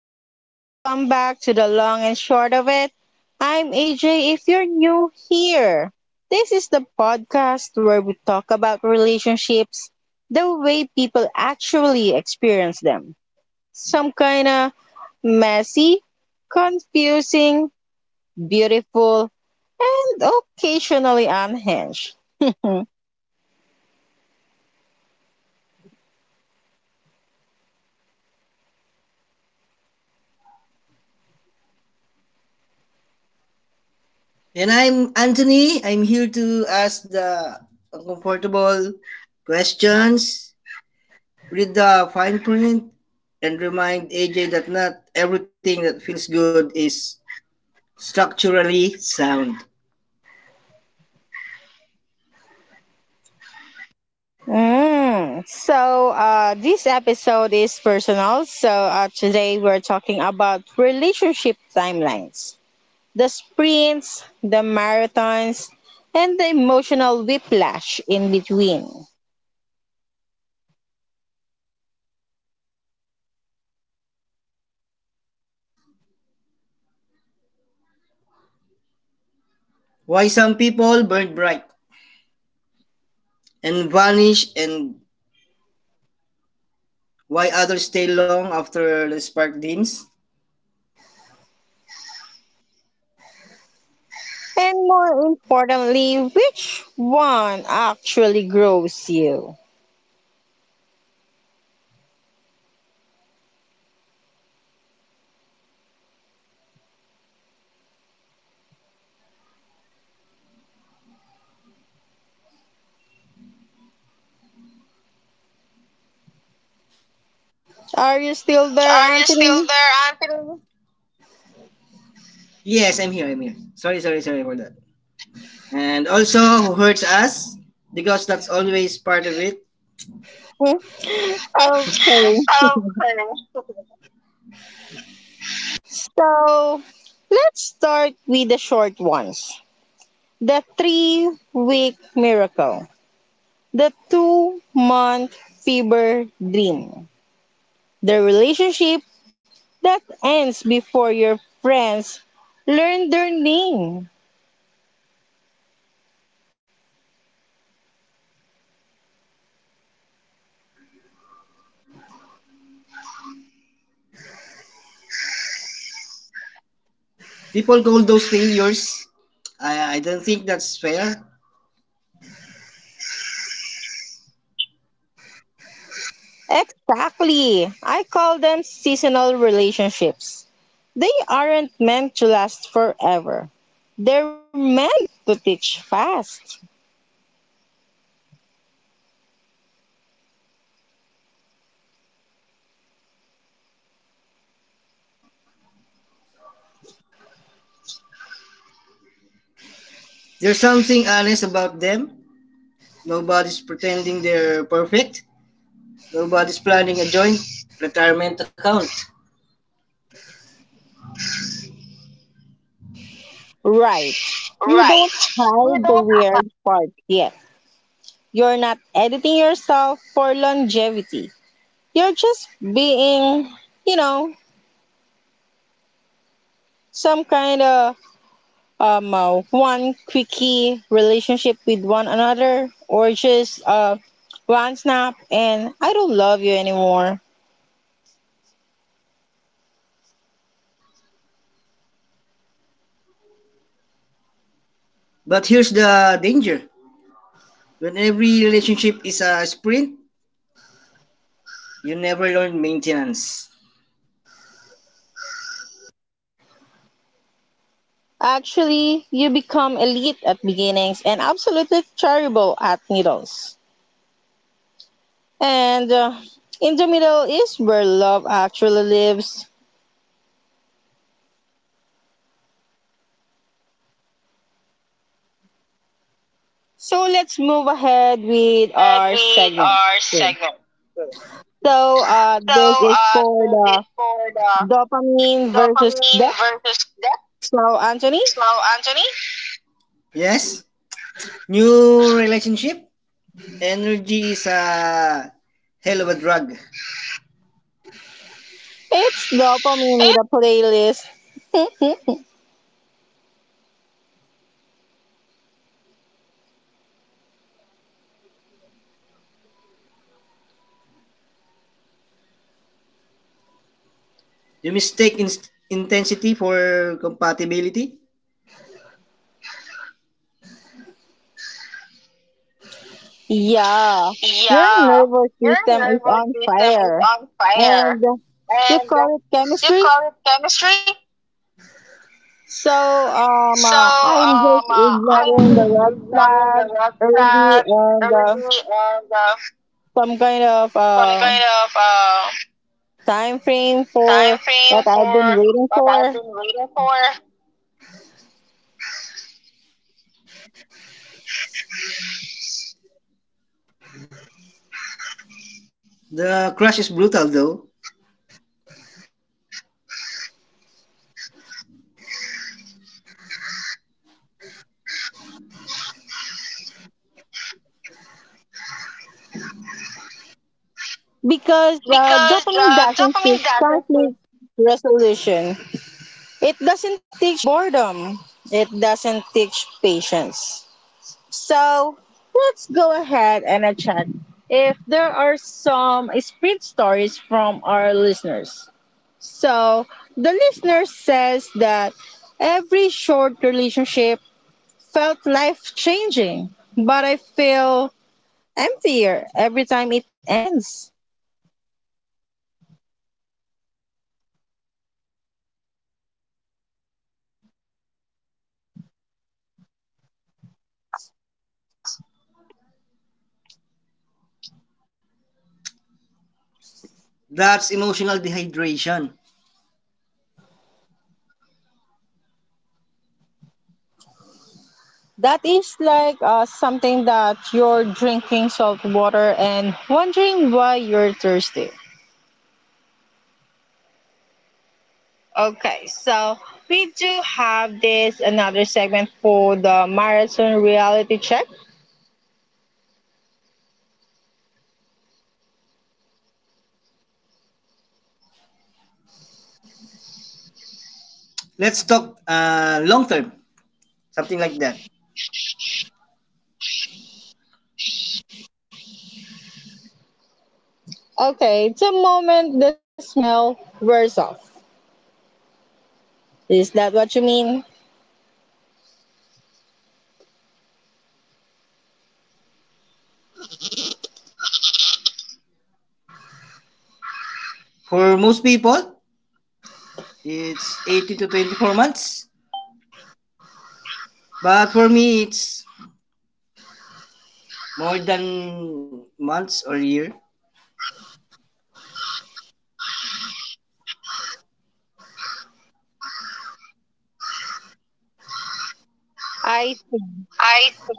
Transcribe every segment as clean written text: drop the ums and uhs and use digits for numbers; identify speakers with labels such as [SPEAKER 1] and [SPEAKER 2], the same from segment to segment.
[SPEAKER 1] So, welcome back to The Long and Short of It. I'm AJ. If you're new here, this is the podcast where we talk about relationships the way people actually experience them. Some kind of messy, confusing, beautiful, and occasionally unhinged.
[SPEAKER 2] And I'm Anthony. I'm here to ask the uncomfortable questions, read the fine print, and remind AJ that not everything that feels good is structurally sound.
[SPEAKER 1] Mm. So, this episode is personal. So, today we're talking about relationship timelines, the sprints, the marathons, and the emotional whiplash in between.
[SPEAKER 2] Why some people burn bright and vanish, and why others stay long after the spark dims?
[SPEAKER 1] And more importantly, which one actually grows you? Are you still there,
[SPEAKER 2] Are you still
[SPEAKER 1] Anthony?
[SPEAKER 2] there, Anthony? Yes, I'm here. I'm here. Sorry, sorry, sorry for that. And also, who hurts us? Because that's always part of it.
[SPEAKER 1] Okay.
[SPEAKER 2] Okay.
[SPEAKER 1] So, let's start with the short ones. The 3 week miracle. The 2 month fever dream. The relationship that ends before your friends learn their name.
[SPEAKER 2] People call those failures. I don't think that's fair.
[SPEAKER 1] Exactly. I call them seasonal relationships. They aren't meant to last forever. They're meant to teach fast.
[SPEAKER 2] There's something honest about them. Nobody's pretending they're perfect. Nobody's planning a joint retirement account.
[SPEAKER 1] Right. You don't
[SPEAKER 2] Right. You
[SPEAKER 1] hide the
[SPEAKER 2] don't
[SPEAKER 1] weird part yet. You're not editing yourself for longevity. You're just being, you know, some kind of one quickie relationship with one another, or just one snap and I don't love you anymore.
[SPEAKER 2] But here's the danger. When every relationship is a sprint, you never learn maintenance.
[SPEAKER 1] Actually, you become elite at beginnings and absolutely terrible at middles. And in the middle is where love actually lives. So let's move ahead with
[SPEAKER 2] Head
[SPEAKER 1] our
[SPEAKER 2] with
[SPEAKER 1] segment.
[SPEAKER 2] our segment.
[SPEAKER 1] So
[SPEAKER 2] So,
[SPEAKER 1] this is for
[SPEAKER 2] this is
[SPEAKER 1] the
[SPEAKER 2] for the
[SPEAKER 1] Dopamine versus
[SPEAKER 2] dopamine
[SPEAKER 1] Death.
[SPEAKER 2] versus depth.
[SPEAKER 1] So, Anthony,
[SPEAKER 2] Hello, Anthony. Yes. New relationship. Energy is a hell of a drug.
[SPEAKER 1] it's dopamine with a playlist.
[SPEAKER 2] You mistake intensity for compatibility.
[SPEAKER 1] Yeah, your
[SPEAKER 2] Yeah,
[SPEAKER 1] nervous
[SPEAKER 2] your
[SPEAKER 1] system is
[SPEAKER 2] nervous
[SPEAKER 1] on
[SPEAKER 2] system is
[SPEAKER 1] fire,
[SPEAKER 2] on fire,
[SPEAKER 1] and you
[SPEAKER 2] and
[SPEAKER 1] call it
[SPEAKER 2] you
[SPEAKER 1] chemistry.
[SPEAKER 2] call it chemistry.
[SPEAKER 1] So,
[SPEAKER 2] So
[SPEAKER 1] I'm just
[SPEAKER 2] I'm
[SPEAKER 1] ignoring
[SPEAKER 2] just
[SPEAKER 1] the red
[SPEAKER 2] ignoring the
[SPEAKER 1] flags
[SPEAKER 2] red
[SPEAKER 1] early
[SPEAKER 2] flag
[SPEAKER 1] and
[SPEAKER 2] early, and
[SPEAKER 1] some kind of
[SPEAKER 2] some kind of
[SPEAKER 1] time frame
[SPEAKER 2] time
[SPEAKER 1] for
[SPEAKER 2] frame
[SPEAKER 1] what I've been
[SPEAKER 2] for
[SPEAKER 1] waiting
[SPEAKER 2] what I've
[SPEAKER 1] for
[SPEAKER 2] been waiting for. The crush is brutal though.
[SPEAKER 1] because
[SPEAKER 2] Because
[SPEAKER 1] dopamine doesn't seek
[SPEAKER 2] dopamine doesn't work.
[SPEAKER 1] conflict resolution. It doesn't teach boredom. It doesn't teach patience. So let's go ahead and check if there are some spread stories from our listeners. So the listener says that every short relationship felt life changing, but I feel emptier every time it ends.
[SPEAKER 2] That's emotional dehydration.
[SPEAKER 1] That is like something that you're drinking salt water and wondering why you're thirsty. Okay, so we do have this another segment for the marathon reality check.
[SPEAKER 2] Let's talk long term, something like that.
[SPEAKER 1] Okay, the moment the smell wears off. Is that what you mean?
[SPEAKER 2] For most people, it's 80 to 24 months. But for me, it's more than months or year.
[SPEAKER 1] I
[SPEAKER 2] I think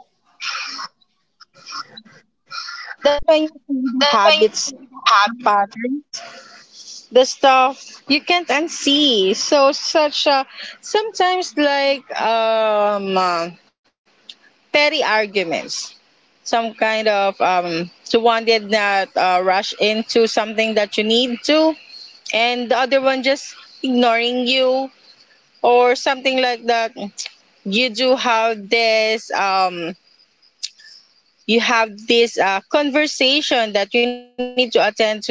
[SPEAKER 1] think that's when you see the
[SPEAKER 2] that when
[SPEAKER 1] habits,
[SPEAKER 2] have
[SPEAKER 1] the patterns, the stuff you can't unsee. So such a sometimes like petty arguments, some kind of to one did not rush into something that you need to, and the other one just ignoring you or something like that. You do have this um, you have this conversation that you need to attend to some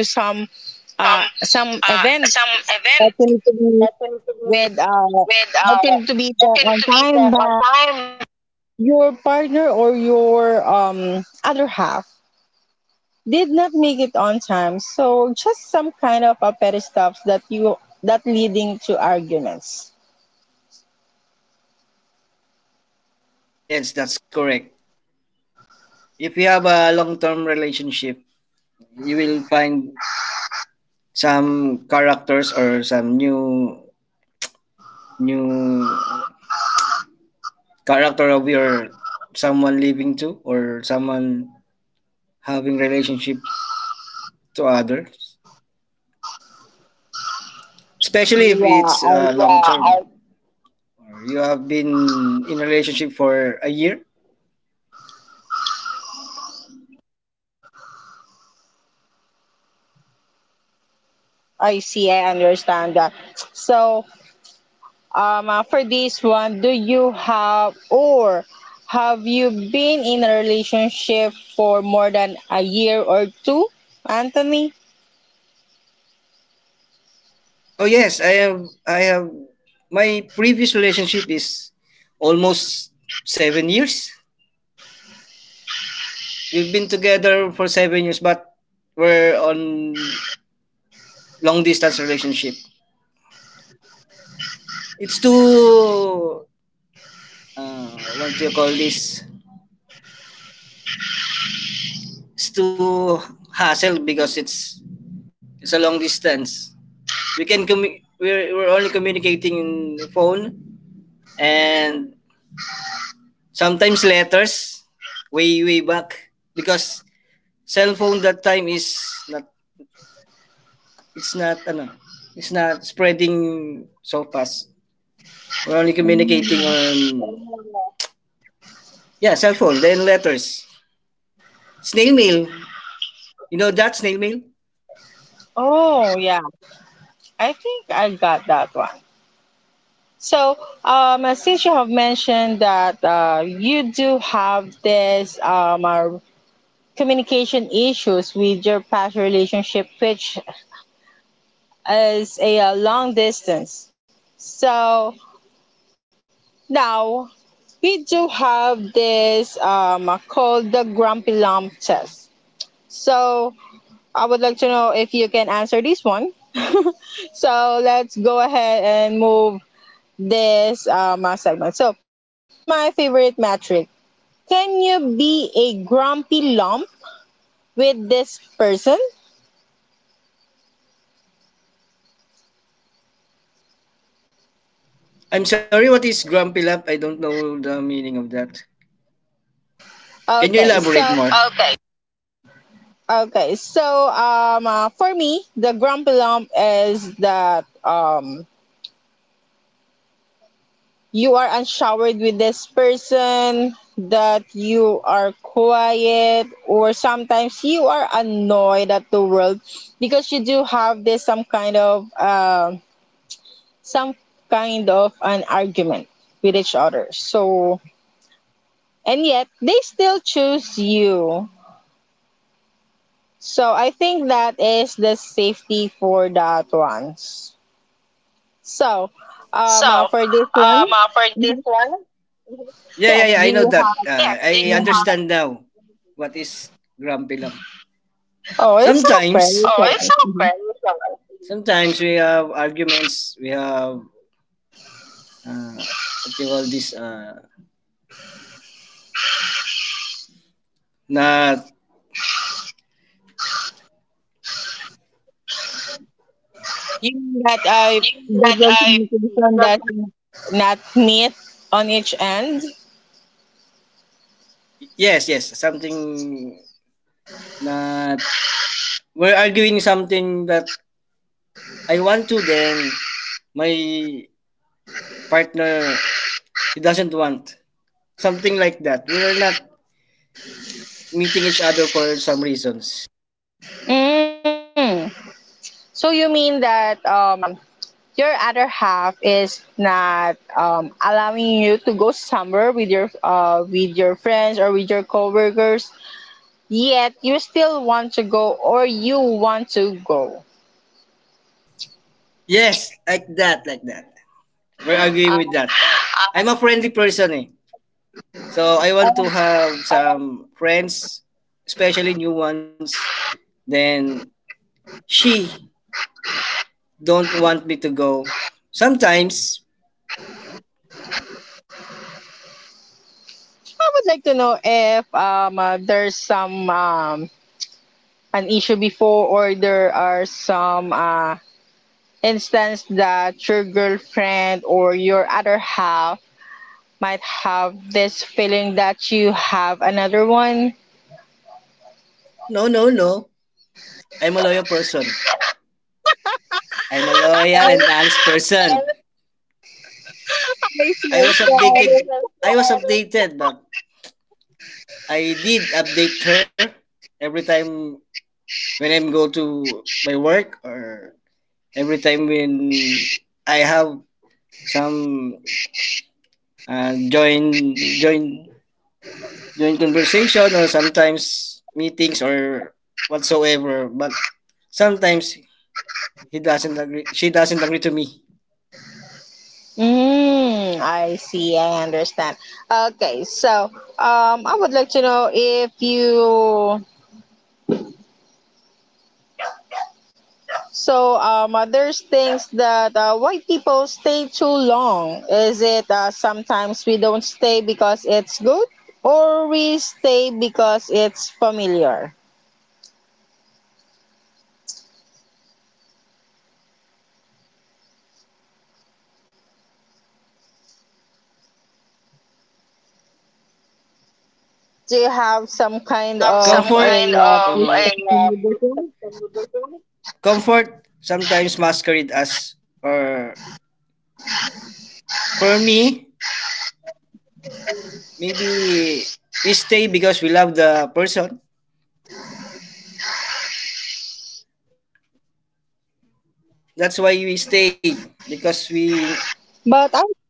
[SPEAKER 1] uh,
[SPEAKER 2] some
[SPEAKER 1] some event
[SPEAKER 2] some
[SPEAKER 1] that you need
[SPEAKER 2] event
[SPEAKER 1] to be
[SPEAKER 2] that you to
[SPEAKER 1] with
[SPEAKER 2] be
[SPEAKER 1] uh,
[SPEAKER 2] with,
[SPEAKER 1] that you need to be there
[SPEAKER 2] that you
[SPEAKER 1] on
[SPEAKER 2] to be
[SPEAKER 1] time,
[SPEAKER 2] there on
[SPEAKER 1] but
[SPEAKER 2] time.
[SPEAKER 1] your partner or your um, other half did not make it on time, so just some kind of a petty stuff that you, that leading to arguments.
[SPEAKER 2] Yes, that's correct. If you have a long-term relationship, you will find some characters or some new character of your someone living to, or someone having relationship to others. Especially if it's long
[SPEAKER 1] yeah
[SPEAKER 2] term,
[SPEAKER 1] I.
[SPEAKER 2] or you have been in a relationship for a year.
[SPEAKER 1] I see, I understand that. So, for this one, do you have, or have you been in a relationship for more than a year or two, Anthony?
[SPEAKER 2] Oh yes, I have my previous relationship is almost 7 years. We've been together for 7 years, but we're on long distance relationship. It's too, uh, what do you call this? It's too hassle because it's a long distance. We can we're only communicating in the phone and sometimes letters, way back because cell phone that time is not, it's not ano it's not spreading so fast. We're only communicating
[SPEAKER 1] Mm.
[SPEAKER 2] on, yeah, cell phone, then letters. Snail mail. You know that snail mail?
[SPEAKER 1] Oh, yeah. I think I got that one. So, since you have mentioned that you do have this communication issues with your past relationship, which is a, uh, long distance. So, now, we do have this called the Grumpy Lump test. So, I would like to know if you can answer this one. So, let's go ahead and move this segment. So, here's my favorite metric. Can you be a grumpy lump with this person?
[SPEAKER 2] I'm sorry, what is grumpy love? I don't know the meaning of that. Can you
[SPEAKER 1] Okay, so
[SPEAKER 2] elaborate more? Okay.
[SPEAKER 1] okay, so for me, the grumpy lump is that you are unshowered with this person, that you are quiet, or sometimes you are annoyed at the world because you do have this some kind of an argument with each other. So and yet they still choose you. So I think that is the safety for that ones. So
[SPEAKER 2] So,
[SPEAKER 1] for this one,
[SPEAKER 2] for this one, yeah,
[SPEAKER 1] yes,
[SPEAKER 2] yeah, yeah,
[SPEAKER 1] do
[SPEAKER 2] I know
[SPEAKER 1] you
[SPEAKER 2] that. Yeah, I you
[SPEAKER 1] have?
[SPEAKER 2] understand have... now what is grumpy love.
[SPEAKER 1] Oh, it's okay.
[SPEAKER 2] Sometimes,
[SPEAKER 1] It's
[SPEAKER 2] oh,
[SPEAKER 1] all
[SPEAKER 2] it's
[SPEAKER 1] right.
[SPEAKER 2] okay.
[SPEAKER 1] Mhm.
[SPEAKER 2] It's okay. Sometimes we have arguments, we have, what do you call this, not
[SPEAKER 1] You mean that I, that
[SPEAKER 2] that
[SPEAKER 1] the
[SPEAKER 2] I.
[SPEAKER 1] communication does not meet on each end?
[SPEAKER 2] Yes, yes, something na we're arguing something that I want to, then my partner he doesn't want. Something like that. We're not meeting each other for some reasons.
[SPEAKER 1] Mm. So you mean that your other half is not um, allowing you to go somewhere with your uh, with your friends or with your coworkers, yet you still want to go or you want to go.
[SPEAKER 2] Yes, like that, like that. We're arguing
[SPEAKER 1] Uh,
[SPEAKER 2] with that. I'm a friendly person eh. So I want to have some friends, especially new ones. Then she don't want me to go. Sometimes,
[SPEAKER 1] I would like to know if there's some um, an issue before, or there are some instance that your girlfriend or your other half might have this feeling that you have another one?
[SPEAKER 2] no, no, no. I'm a loyal person. I'm a loyal and honest person.
[SPEAKER 1] They
[SPEAKER 2] I
[SPEAKER 1] feel
[SPEAKER 2] was
[SPEAKER 1] so-
[SPEAKER 2] updated. I was updated, but I did update her every time when I'm go to my work, or every time when I have some uh, join join join conversation, or sometimes meetings or whatsoever. But sometimes he doesn't agree. She doesn't agree to me.
[SPEAKER 1] Mm, I see. I understand. Okay, so I would like to know if you, so, there's things that why people stay too long. Is it sometimes we don't stay because it's good, or we stay because it's familiar? Do you have some
[SPEAKER 2] Do you
[SPEAKER 1] kind
[SPEAKER 2] have comfort,
[SPEAKER 1] of
[SPEAKER 2] some
[SPEAKER 1] a
[SPEAKER 2] kind of, mm, a
[SPEAKER 1] perception with this
[SPEAKER 2] piece.
[SPEAKER 1] one?
[SPEAKER 2] Comfort sometimes masquerade as, or for me, maybe we stay because we love the person. That's why
[SPEAKER 1] But
[SPEAKER 2] we
[SPEAKER 1] I,
[SPEAKER 2] stay,
[SPEAKER 1] mhm.
[SPEAKER 2] because we,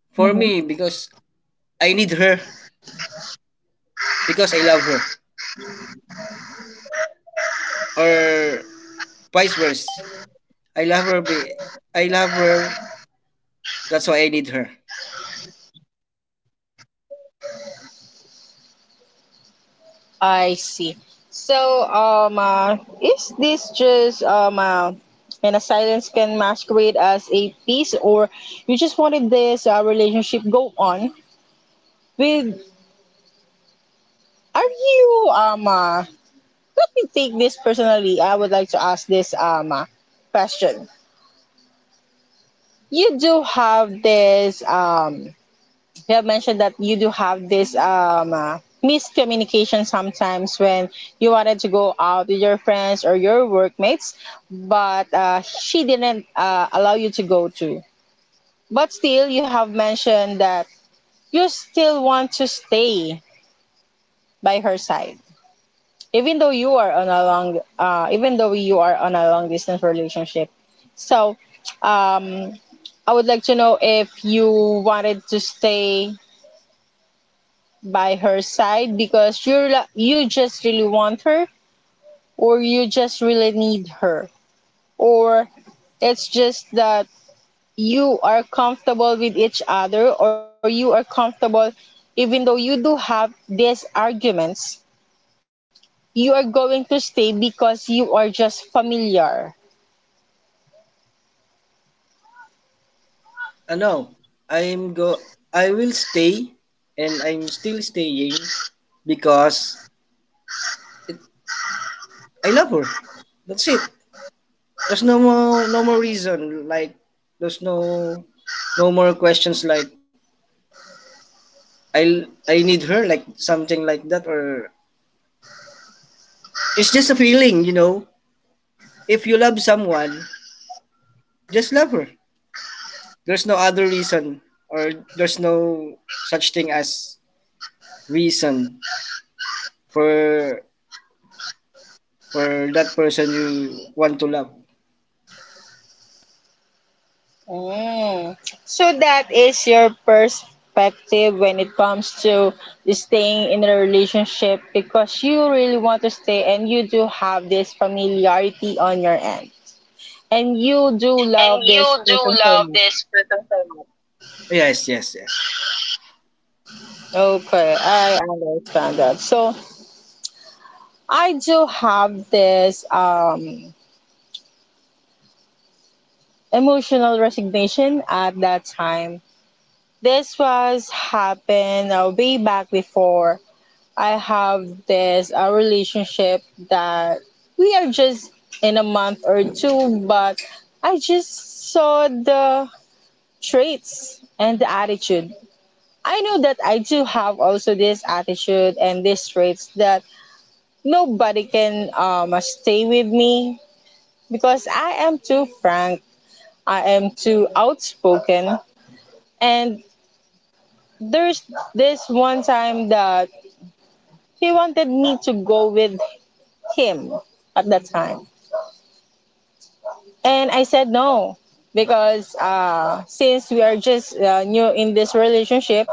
[SPEAKER 2] for me because I need her, because I love her, or vice versa. I love her I love her, that's why I need her.
[SPEAKER 1] I see. So, is this just and a silence can masquerade as a peace, or you just wanted this relationship go on with, are you let me take this personally. I would like to ask this question. You do have this um, you have mentioned that you do have this miscommunication sometimes when you wanted to go out with your friends or your workmates, but she didn't allow you to go to. But still, you have mentioned that you still want to stay by her side, even though you are on a long even though you are on a long distance relationship. So um, I would like to know if you wanted to stay by her side because you just really want her, or you just really need her, or it's just that you are comfortable with each other, or you are comfortable even though you do have these arguments, you are going to stay because you are just familiar.
[SPEAKER 2] No, I'm go. I will stay, and I'm still staying because it, I love her. That's it. There's no more reason. Like there's no more questions. Like I need her. Like something like that, or it's just a feeling. If you love someone, just love her. There's no other reason, or there's no such thing as reason for that person you want to love.
[SPEAKER 1] Mm. So that is your perspective when it comes to staying in a relationship because you really want to stay and you do have this familiarity on your end. And you do
[SPEAKER 2] And
[SPEAKER 1] love this
[SPEAKER 2] you do
[SPEAKER 1] person so
[SPEAKER 2] love
[SPEAKER 1] much.
[SPEAKER 2] this person so much. Yes, yes, yes.
[SPEAKER 1] Okay, I understand that. So I do have this um, emotional resignation at that time. This was happened way back before I have this a relationship that we are just in a month or two, but I just saw the traits and the attitude. I know that I do have also this attitude and these traits that nobody can stay with me because I am too frank, I am too outspoken, and there's this one time that he wanted me to go with him at that time. And I said no because since we are just new in this relationship,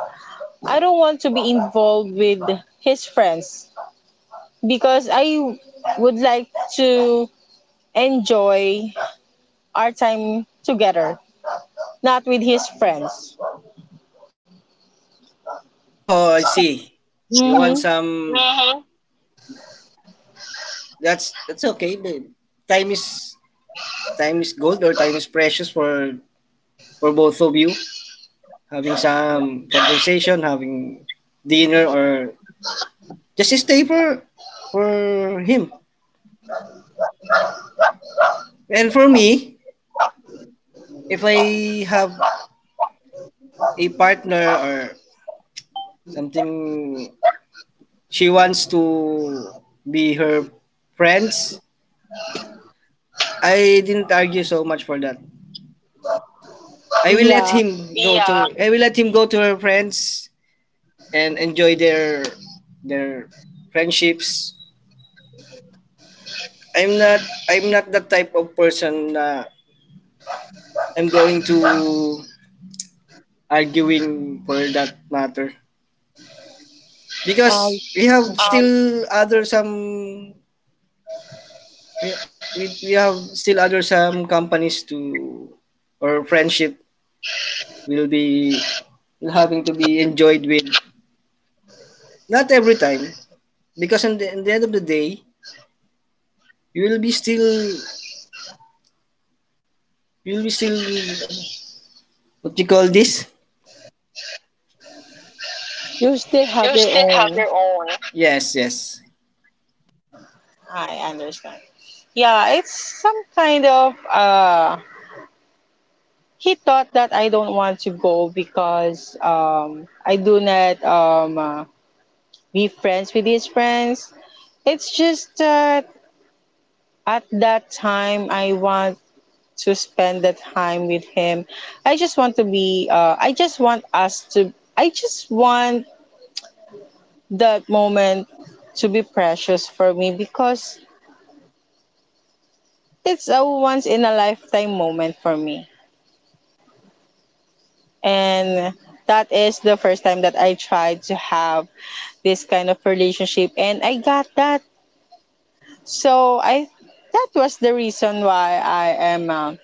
[SPEAKER 1] I don't want to be involved with his friends because I would like to enjoy our time together, not with his friends.
[SPEAKER 2] Oh, I see. You
[SPEAKER 1] Mm-hmm.
[SPEAKER 2] want some. Mm-hmm, that's okay, babe. Time is time is gold, or time is precious for both of you. Having some conversation, having dinner, or just stay for him. And for me, if I have a partner or something, she wants to be her friends, I didn't argue so much for that. I will let
[SPEAKER 1] Yeah,
[SPEAKER 2] him go, yeah, to, I will let him go to her friends and enjoy their their friendships. I'm not the type of person na I'm going to arguing for that matter,
[SPEAKER 1] um,
[SPEAKER 2] because we have, um, still other some, we, we have still other some companies to, or friendship will be will having to be enjoyed with, not every time, because in the end of the day, you will be still you will be still what you call this.
[SPEAKER 1] you still have your
[SPEAKER 2] You
[SPEAKER 1] own.
[SPEAKER 2] still have your own. Yes, yes.
[SPEAKER 1] I understand. Yeah, it's some kind of he thought that I don't want to go because I do not be friends with his friends. It's just that at that time I want to spend the time with him. I just want to be. I just want us to. I just want that moment to be precious for me because it's a once in a lifetime moment for me. And that is the first time that I tried to have this kind of relationship and I got that. So I that was the reason why am uh,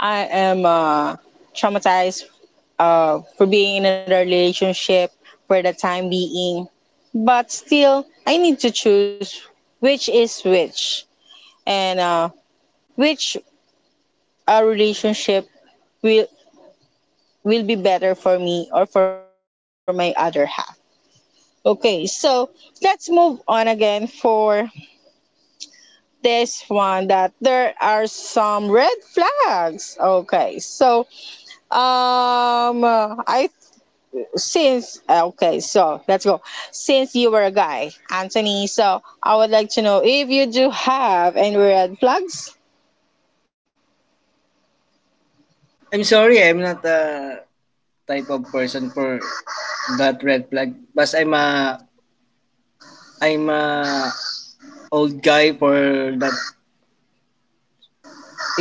[SPEAKER 1] I am traumatized for being in a relationship for the time being. But still, I need to choose which is which, and which relationship will will be better for me or for my other half. Okay, so let's move on again for this one that there are some red flags. Okay, so I since okay, so let's go. Since you were a guy, Anthony, so I would like to know if you do have any red flags.
[SPEAKER 2] I'm sorry, I'm not a type of person for that red flag, but I'm a old guy for that.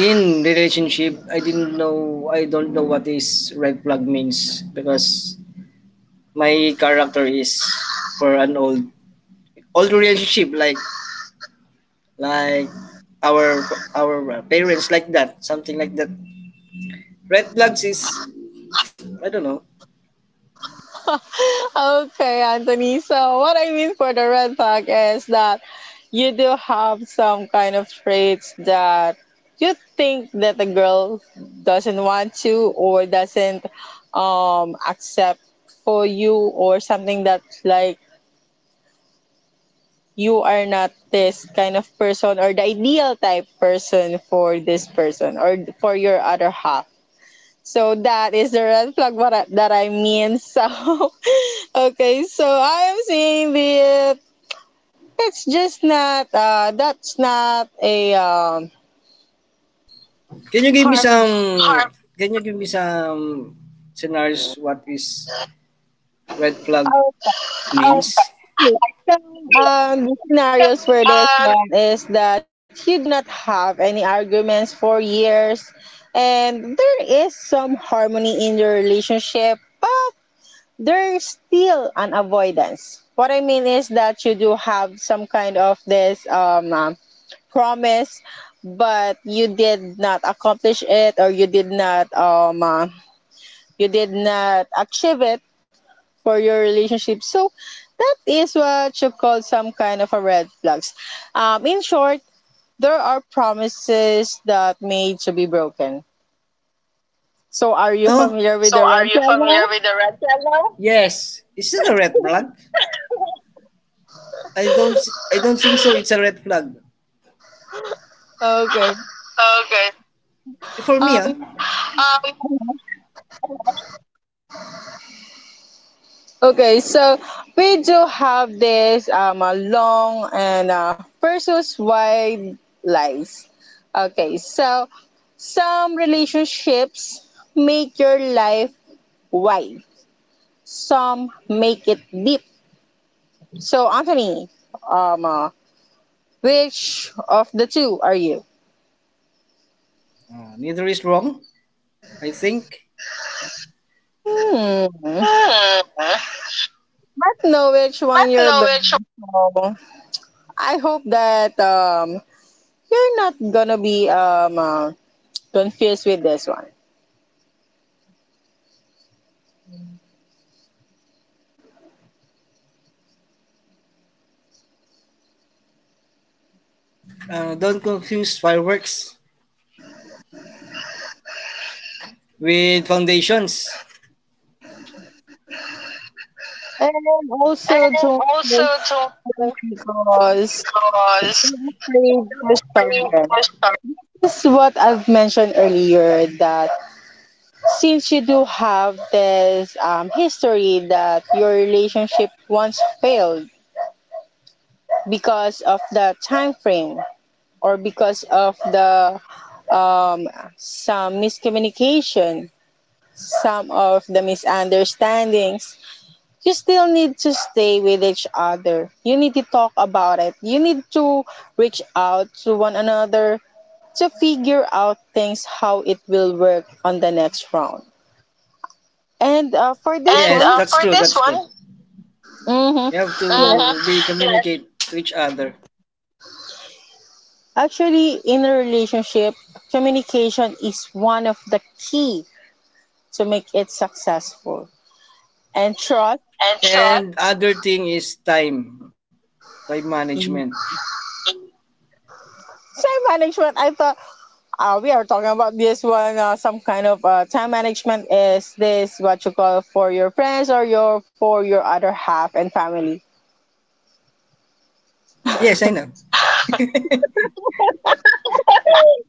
[SPEAKER 2] In relationship, I don't know what is red flag means, because my character is for an old relationship, like like our our parents, like that, something like that. Red flags is, I don't know.
[SPEAKER 1] Okay, Anthony. So, what I mean for the red flag is that you do have some kind of traits that you think that the girl doesn't want to, or doesn't accept for you, or something that like you are not this kind of person or the ideal type person for this person or for your other half. So that is the red flag what I, that I mean. So okay, so I am saying that it's just not uh, that's not a um,
[SPEAKER 2] Can you give me
[SPEAKER 1] harm.
[SPEAKER 2] some, can you give me some scenarios what is red flag
[SPEAKER 1] Okay.
[SPEAKER 2] means? Um.
[SPEAKER 1] So um, the scenarios for this one is that you do not have any arguments for years and there is some harmony in your relationship, but there's still an avoidance. What I mean is that you do have some kind of this promise, but you did not accomplish it or you did not achieve it for your relationship. So that is what you call some kind of a red flags. In short, there are promises that made to be broken. So are you
[SPEAKER 2] Oh,
[SPEAKER 1] familiar with
[SPEAKER 2] so
[SPEAKER 1] the
[SPEAKER 2] are
[SPEAKER 1] red
[SPEAKER 2] you familiar
[SPEAKER 1] flag
[SPEAKER 2] with the red flag now? Yes. Is it a red flag? I don't, I don't think so. It's a red flag.
[SPEAKER 1] now? Okay.
[SPEAKER 2] Okay. For me,
[SPEAKER 1] Um,
[SPEAKER 2] ah. Huh?
[SPEAKER 1] Okay, so we do have this a long and versus wide lives. Okay, so some relationships make your life wide. Some make it deep. So Anthony, um, uh, which of the two are you?
[SPEAKER 2] Neither is wrong, I think.
[SPEAKER 1] Hmm.
[SPEAKER 2] Hmm.
[SPEAKER 1] Not know which
[SPEAKER 2] Not
[SPEAKER 1] one you're
[SPEAKER 2] know
[SPEAKER 1] better.
[SPEAKER 2] which
[SPEAKER 1] So I hope that you're not gonna be confused with this one.
[SPEAKER 2] Don't confuse fireworks with foundations.
[SPEAKER 1] And also don't
[SPEAKER 2] And also
[SPEAKER 1] feel
[SPEAKER 2] to
[SPEAKER 1] because
[SPEAKER 2] because
[SPEAKER 1] you're afraid to start again.
[SPEAKER 2] and
[SPEAKER 1] This is what I've mentioned earlier that since you do have this history that your relationship once failed because of the time frame or because of the um, some miscommunication, some of the misunderstandings, you still need to stay with each other. You need to talk about it. You need to reach out to one another to figure out things how it will work on the next round. And for this
[SPEAKER 2] yes,
[SPEAKER 1] one,
[SPEAKER 2] that's for true. This. That's one true. One,
[SPEAKER 1] hmm,
[SPEAKER 2] you have to,
[SPEAKER 1] yes,
[SPEAKER 2] uh-huh, be yes, communicate to each other.
[SPEAKER 1] actually, in a relationship, communication is one of the key to make it successful. And trust,
[SPEAKER 2] And so and other thing is time management.
[SPEAKER 1] time management. I thought we are talking about this one, some kind of time management is this what you call for your friends or your for your other half and family.
[SPEAKER 2] Yes, I know.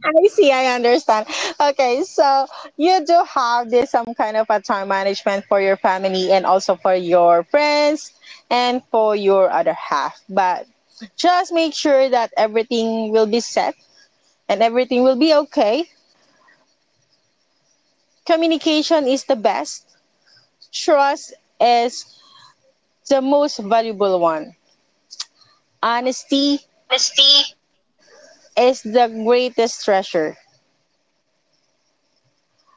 [SPEAKER 1] I see, I understand. Okay, so you do have this some kind of a time management for your family and also for your friends and for your other half. But just make sure that everything will be set and everything will be okay. Communication is the best. Trust is the most valuable one. Honesty
[SPEAKER 2] Honesty
[SPEAKER 1] is the greatest treasure.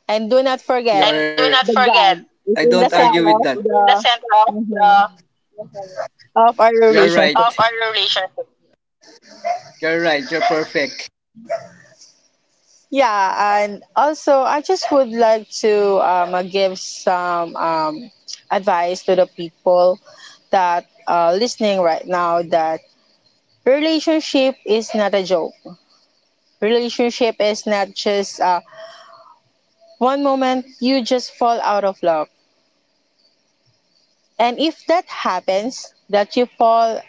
[SPEAKER 1] And do not forget,
[SPEAKER 2] and do. You're. Not
[SPEAKER 1] the
[SPEAKER 2] forget,
[SPEAKER 1] God
[SPEAKER 2] I
[SPEAKER 1] is
[SPEAKER 2] don't
[SPEAKER 1] in the
[SPEAKER 2] argue
[SPEAKER 1] center
[SPEAKER 2] with that,
[SPEAKER 1] of
[SPEAKER 2] in the
[SPEAKER 1] the
[SPEAKER 2] center of the.
[SPEAKER 1] mhm, of our
[SPEAKER 2] You're right.
[SPEAKER 1] relationship.
[SPEAKER 2] Of our relationship. You're right. You're perfect.
[SPEAKER 1] Yeah, and also I just would like to give some advice to the people that listening right now that relationship is not a joke. Relationship is not just one moment you just fall out of love. And if that happens, that you fall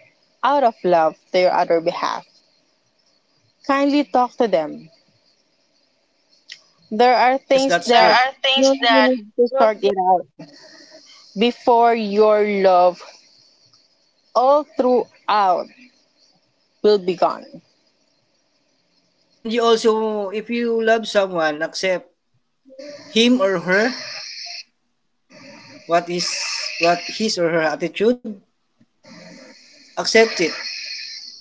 [SPEAKER 1] out of love to your other behalf, kindly talk to them. There are
[SPEAKER 2] Yes,
[SPEAKER 1] things
[SPEAKER 2] that's. There. True.
[SPEAKER 1] that
[SPEAKER 2] Are
[SPEAKER 1] you
[SPEAKER 2] things that,
[SPEAKER 1] really need to sort it out before your love all throughout will be gone.
[SPEAKER 2] and you also, if you love someone, accept him or her, what is, what his or her attitude, accept it.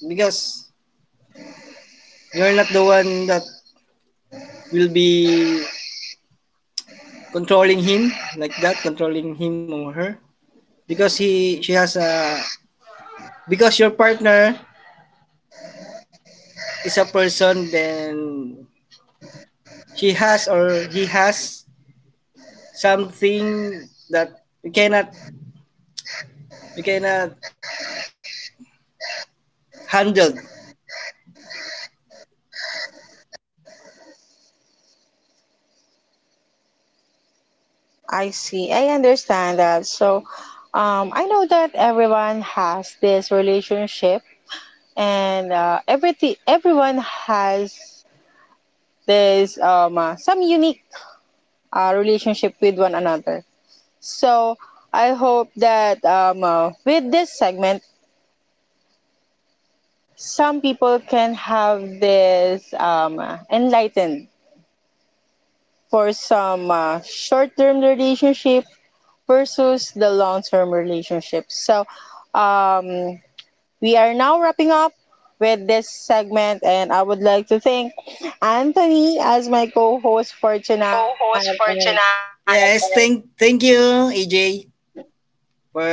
[SPEAKER 2] Because you're not the one that will be controlling him, like that, controlling him or her. Because he, she has a, because your partner is a person, then she has or he has something that you cannot, you cannot handle
[SPEAKER 1] I see. I understand that. So, I know that everyone has this relationship, and everything everyone has this some unique relationship with one another. So I hope that with this segment, some people can have this enlightened for some short-term relationship versus the long-term relationship. So um, we are now wrapping up with this segment, and I would like to thank Anthony as my co-host for
[SPEAKER 2] as my
[SPEAKER 1] tonight.
[SPEAKER 2] co-host
[SPEAKER 1] And
[SPEAKER 2] for tonight. Yes, thank you AJ for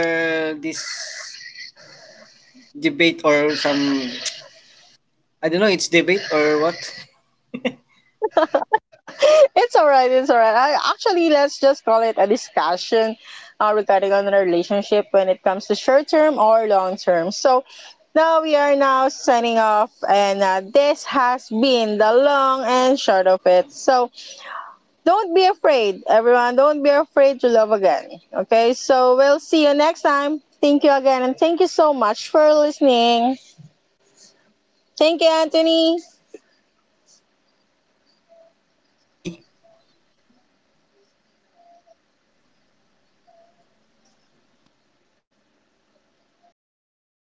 [SPEAKER 2] this debate or some, I don't know, it's debate or what.
[SPEAKER 1] it's all right. It's all right. I, actually, let's just call it a discussion regarding on a relationship when it comes to short term or long term. So now we are now signing off, and this has been the long and short of it. So don't be afraid, everyone. Don't be afraid to love again. Okay. So we'll see you next time. Thank you again, and thank you so much for listening. Thank you, Anthony.
[SPEAKER 2] Thank you. Have a nice day.